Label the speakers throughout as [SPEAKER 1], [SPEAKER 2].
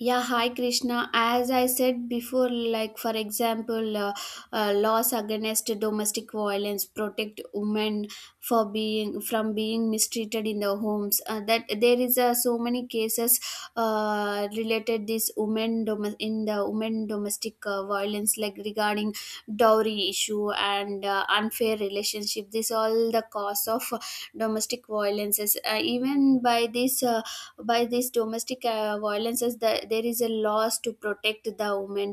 [SPEAKER 1] Yeah, hi Krishna. As I said before, like, for example, laws against domestic violence protect women for being from being mistreated in the homes. That there is so many cases related this in the women domestic violence, like regarding dowry issue and unfair relationship. This all the cause of domestic violences. Even by this. By these domestic violences, that there is a laws to protect the women.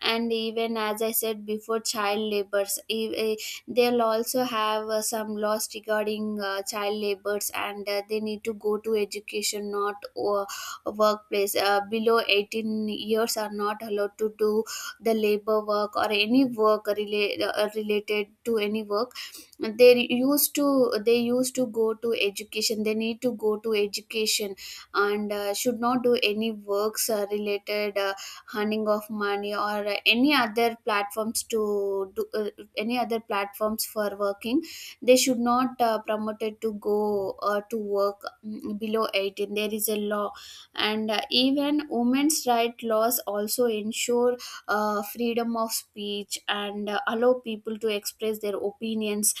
[SPEAKER 1] And even as I said before, child labors, they'll also have some laws regarding child labors, and they need to go to education, not uh, workplace. Below 18 years are not allowed to do the labor work, or any work related to any work. They used to go to education. They need to go to education and should not do any works related earning of money, or any other platforms for working. They should not promoted to go to work. Below 18 there is a law. And even women's right laws also ensure freedom of speech and allow people to express their opinions,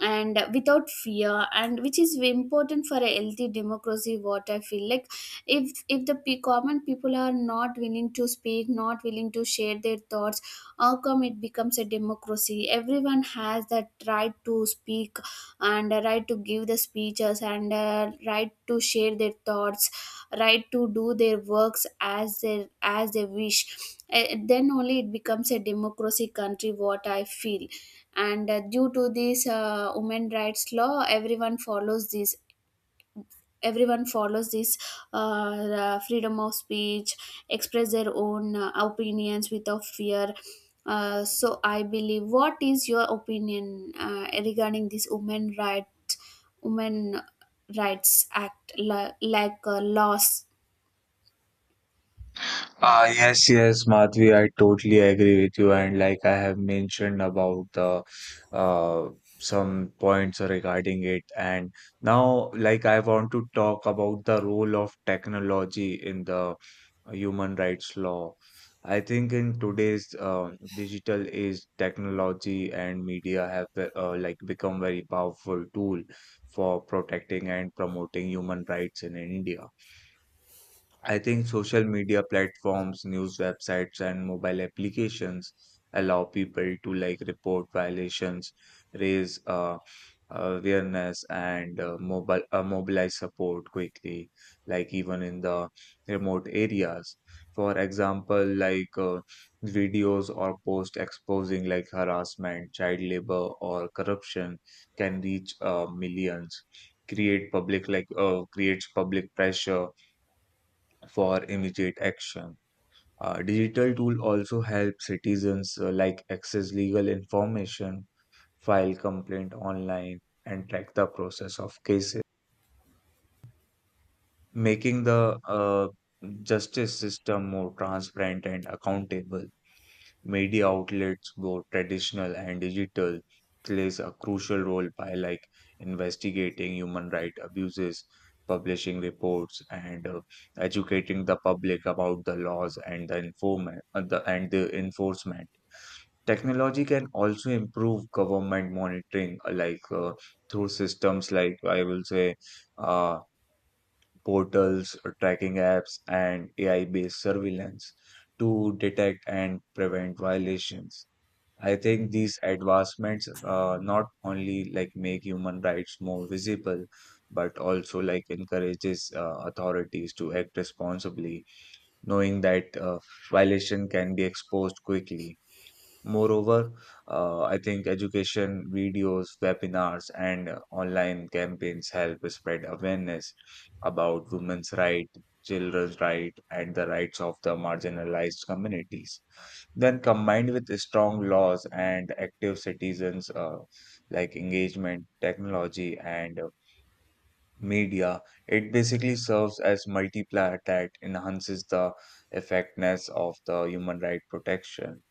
[SPEAKER 1] and without fear, and which is very important for a healthy democracy, what I feel. Like, if the common people are not willing to speak, not willing to share their thoughts, how come it becomes a democracy? Everyone has that right to speak, and a right to give the speeches, and a right to share their thoughts, right to do their works as they wish. Then only it becomes a democracy country, what I feel. And due to this women rights law, everyone follows this. Everyone follows this freedom of speech, express their own opinions without fear. So I believe, what is your opinion regarding this women right, women rights act, like laws?
[SPEAKER 2] Ah, yes, yes, Madhvi, I totally agree with you. And like I have mentioned about the uh, some points regarding it. And now, like, I want to talk about the role of technology in the human rights law. I think in today's digital age, technology and media have like become very powerful tool for protecting and promoting human rights in India. I think social media platforms, news websites, and mobile applications allow people to like report violations, raise awareness, and mobile mobilize support quickly, like even in the remote areas. For example, videos or posts exposing like harassment, child labor, or corruption can reach millions. Create public creates public pressure for immediate action. Digital tool also help citizens like access legal information, file complaint online, and track the process of cases, making the justice system more transparent and accountable. Media outlets, both traditional and digital, plays a crucial role by like investigating human rights abuses, publishing reports, and educating the public about the laws and the and the enforcement. Technology can also improve government monitoring, through systems like I will say uh, portals, tracking apps, and AI-based surveillance to detect and prevent violations. I think these advancements not only like make human rights more visible, but also like encourages authorities to act responsibly, knowing that violation can be exposed quickly. Moreover, I think education videos, webinars, and online campaigns help spread awareness about women's rights, children's rights, and the rights of the marginalized communities. When combined with strong laws and active citizens like engagement, technology, and media, it basically serves as multiplier that enhances the effectiveness of the human right protection.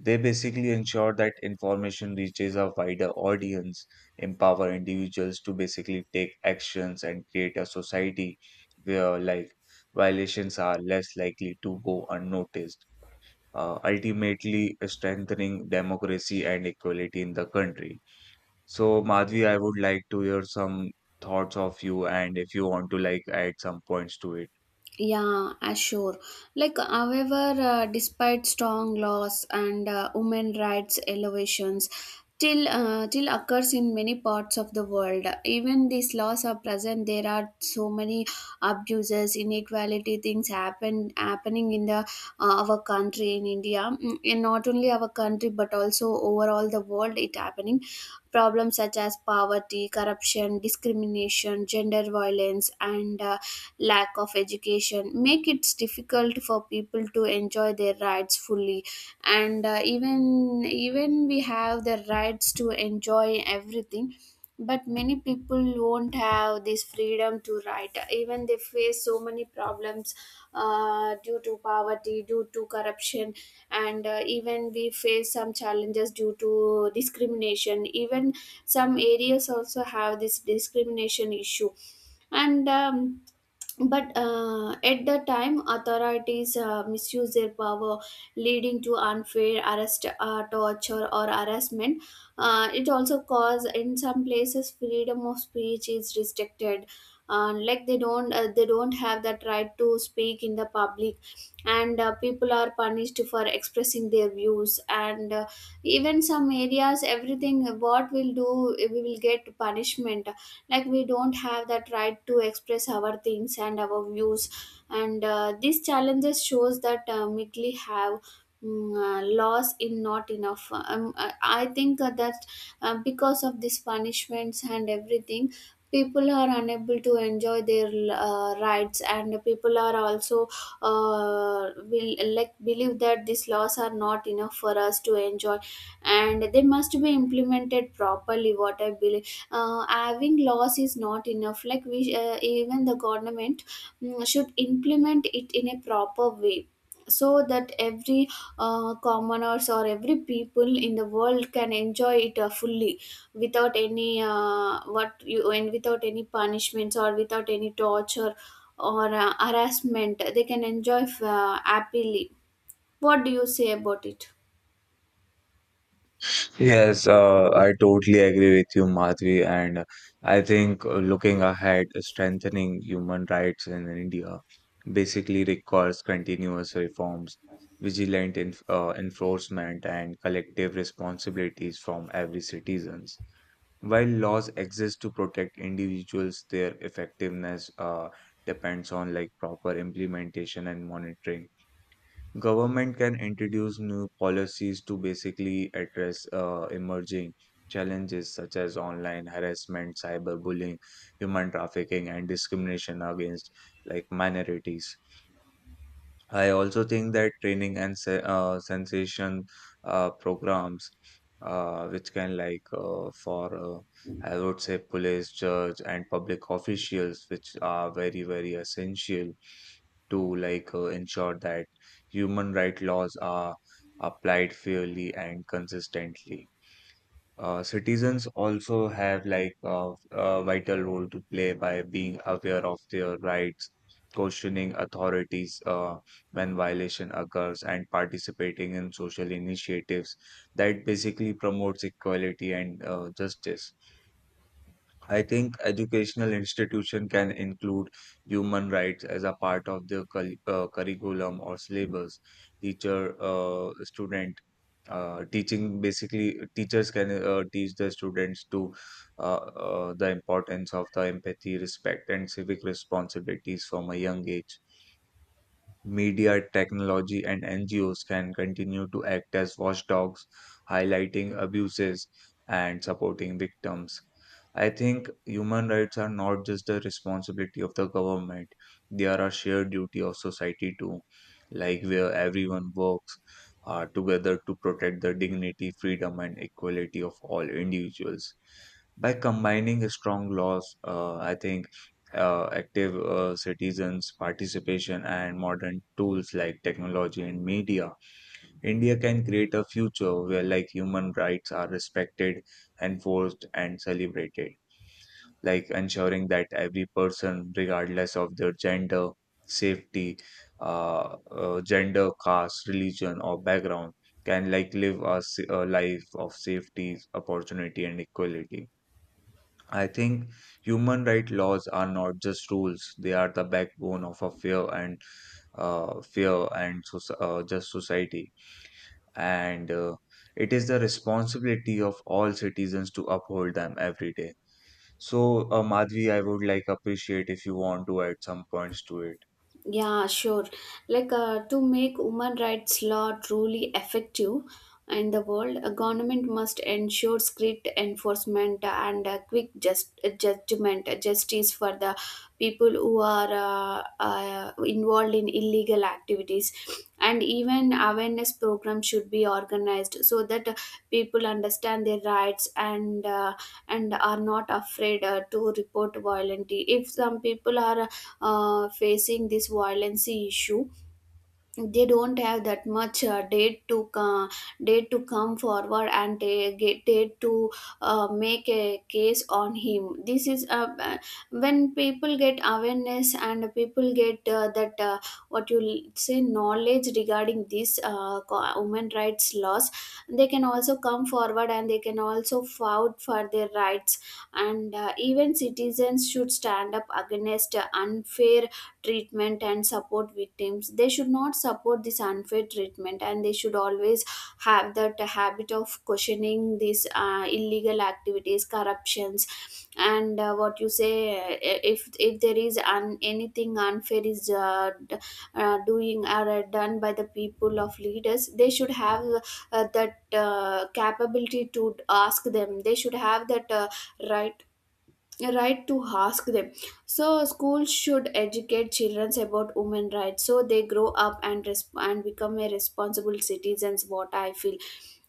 [SPEAKER 2] They basically ensure that information reaches a wider audience, empower individuals to basically take actions and create a society where like violations are less likely to go unnoticed ultimately strengthening democracy and equality in the country. So, Madhvi, I would like to hear some thoughts of you and if you want to like add some points to it.
[SPEAKER 1] Yeah, sure. Like, however, despite strong laws and women rights elevations, till occurs in many parts of the world. Even these laws are present, there are so many abuses, inequality things happening in the our country in India. In not only our country but also overall the world. It happening problems such as poverty, corruption, discrimination, gender violence, and lack of education make it difficult for people to enjoy their rights fully. And even we have the rights to enjoy everything, but many people won't have this freedom to write, even they face so many problems due to poverty, due to corruption. And even we face some challenges due to discrimination. Even some areas also have this discrimination issue. And But at the time, authorities misuse their power, leading to unfair arrest, torture, or harassment. It also cause, in some places freedom of speech is restricted. Like they don't have that right to speak in the public. And people are punished for expressing their views. And even some areas, everything what we'll do, we will get punishment. Like, we don't have that right to express our things and our views. And these challenges shows that Mickley have laws in not enough. I think that because of these punishments and everything, people are unable to enjoy their rights. And people are also uh, will, like, believe that these laws are not enough for us to enjoy, and they must be implemented properly, what I believe. Having laws is not enough. Like, we even the government should implement it in a proper way, so that every commoners, or every people in the world, can enjoy it fully, without any what you, and without any punishments, or without any torture or harassment. They can enjoy happily. What do you say about it?
[SPEAKER 2] Yes, I totally agree with you, Madhvi, and I think looking ahead, strengthening human rights in India basically requires continuous reforms, enforcement, and collective responsibilities from every citizens. While laws exist to protect individuals, their effectiveness depends on like proper implementation and monitoring. Government can introduce new policies to basically address emerging challenges such as online harassment, cyberbullying, human trafficking, and discrimination against like minorities. I also think that training and se sensation programs, which can like for I would say police, judge, and public officials, which are very very essential to ensure that human right laws are applied fairly and consistently. Citizens also have like a vital role to play by being aware of their rights, questioning authorities when violation occurs, and participating in social initiatives that basically promotes equality and justice. I think educational institution can include human rights as a part of the curriculum or syllabus. Teacher, uh, student, teaching basically, teachers can teach the students to the importance of the empathy, respect, and civic responsibilities from a young age. Media, technology, and NGOs can continue to act as watchdogs, highlighting abuses and supporting victims. I think human rights are not just the responsibility of the government, they are a shared duty of society too, like where everyone works together to protect the dignity, freedom, and equality of all individuals. By combining strong laws, I think active citizens participation and modern tools like technology and media, india can create a future where like human rights are respected, enforced and celebrated, like ensuring that every person regardless of their gender, safety, gender, caste, religion or background can like live a life of safety, opportunity and equality. I think human right laws are not just rules; they are the backbone of a fair and just society. And it is the responsibility of all citizens to uphold them every day. So, Madhvi, I would like appreciate if you want to add some points to it.
[SPEAKER 1] Yeah, sure. Like, to make human rights law truly effective in the world, a government must ensure strict enforcement and quick justice for the people who are involved in illegal activities. And even awareness programs should be organized, so that people understand their rights, and are not afraid to report violently. If some people are facing this violence issue, they don't have that much date to, date to come forward. And they get date to make a case on him. This is when people get awareness, and people get that what you say knowledge regarding these women rights laws. They can also come forward and they can also fight for their rights. And even citizens should stand up against unfair treatment and support victims. They should not support this unfair treatment, and they should always have that habit of questioning these illegal activities, corruptions, and what you say, if there is anything unfair is doing or done by the people of leaders, they should have that capability to ask them. They should have that right, right to ask them. So schools should educate children about women rights, so they grow up and and become a responsible citizens, what I feel.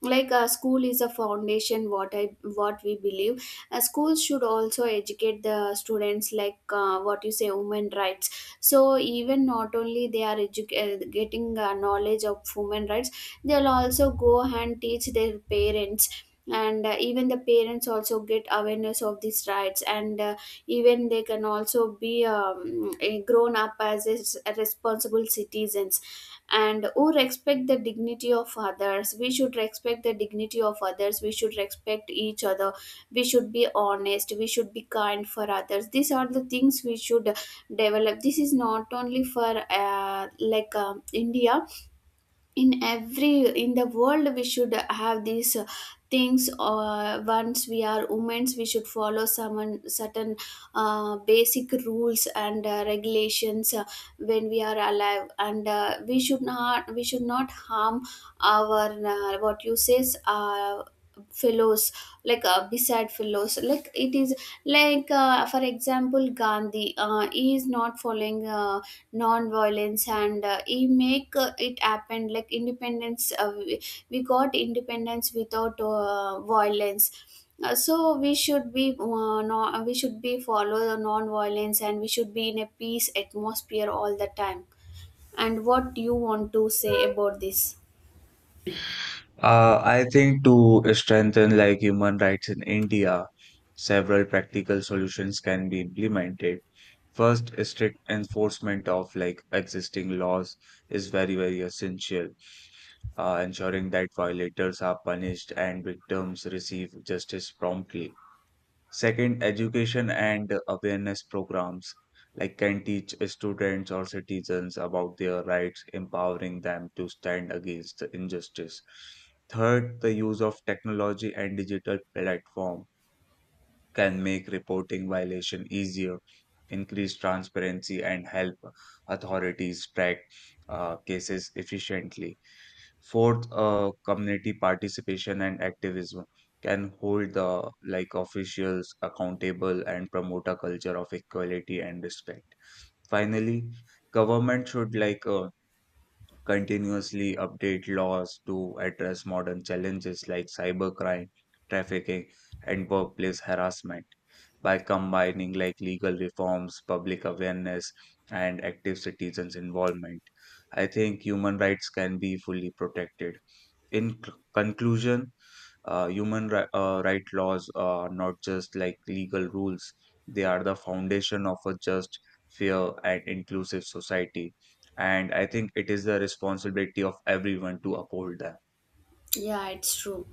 [SPEAKER 1] Like, school is a foundation, what we believe. Schools should also educate the students, like, what you say, women rights. So even not only they are getting knowledge of women rights, they'll also go and teach their parents. And even the parents also get awareness of these rights. And even they can also be a grown up as a a responsible citizens, and who respect the dignity of others. We should respect the dignity of others. We should respect each other. We should be honest. We should be kind for others. These are the things we should develop. This is not only for like, India. In the world we should have these things. Once we are women, we should follow some certain basic rules and regulations when we are alive. And we should not harm our what you says, fellows. Like, beside fellows, like it is like, for example, Gandhi, he is not following non-violence, and he make it happen, like independence. We got independence without violence. So we should be no, we should be follow the non-violence, and we should be in a peace atmosphere all the time. And what do you want to say about this?
[SPEAKER 2] I think to strengthen like human rights in India, several practical solutions can be implemented. First, strict enforcement of like existing laws is very, very essential, ensuring that violators are punished and victims receive justice promptly. Second, education and awareness programs like can teach students or citizens about their rights, empowering them to stand against the injustice. Third, the use of technology and digital platform can make reporting violation easier, increase transparency, and help authorities track cases efficiently. Fourth, community participation and activism can hold the like officials accountable and promote a culture of equality and respect. Finally, government should continuously update laws to address modern challenges like cybercrime, trafficking, and workplace harassment. By combining like legal reforms, public awareness, and active citizens' involvement, I think human rights can be fully protected. In conclusion, right laws are not just like legal rules, they are the foundation of a just, fair and inclusive society, and I think it is the responsibility of everyone to uphold them.
[SPEAKER 1] Yeah, it's true.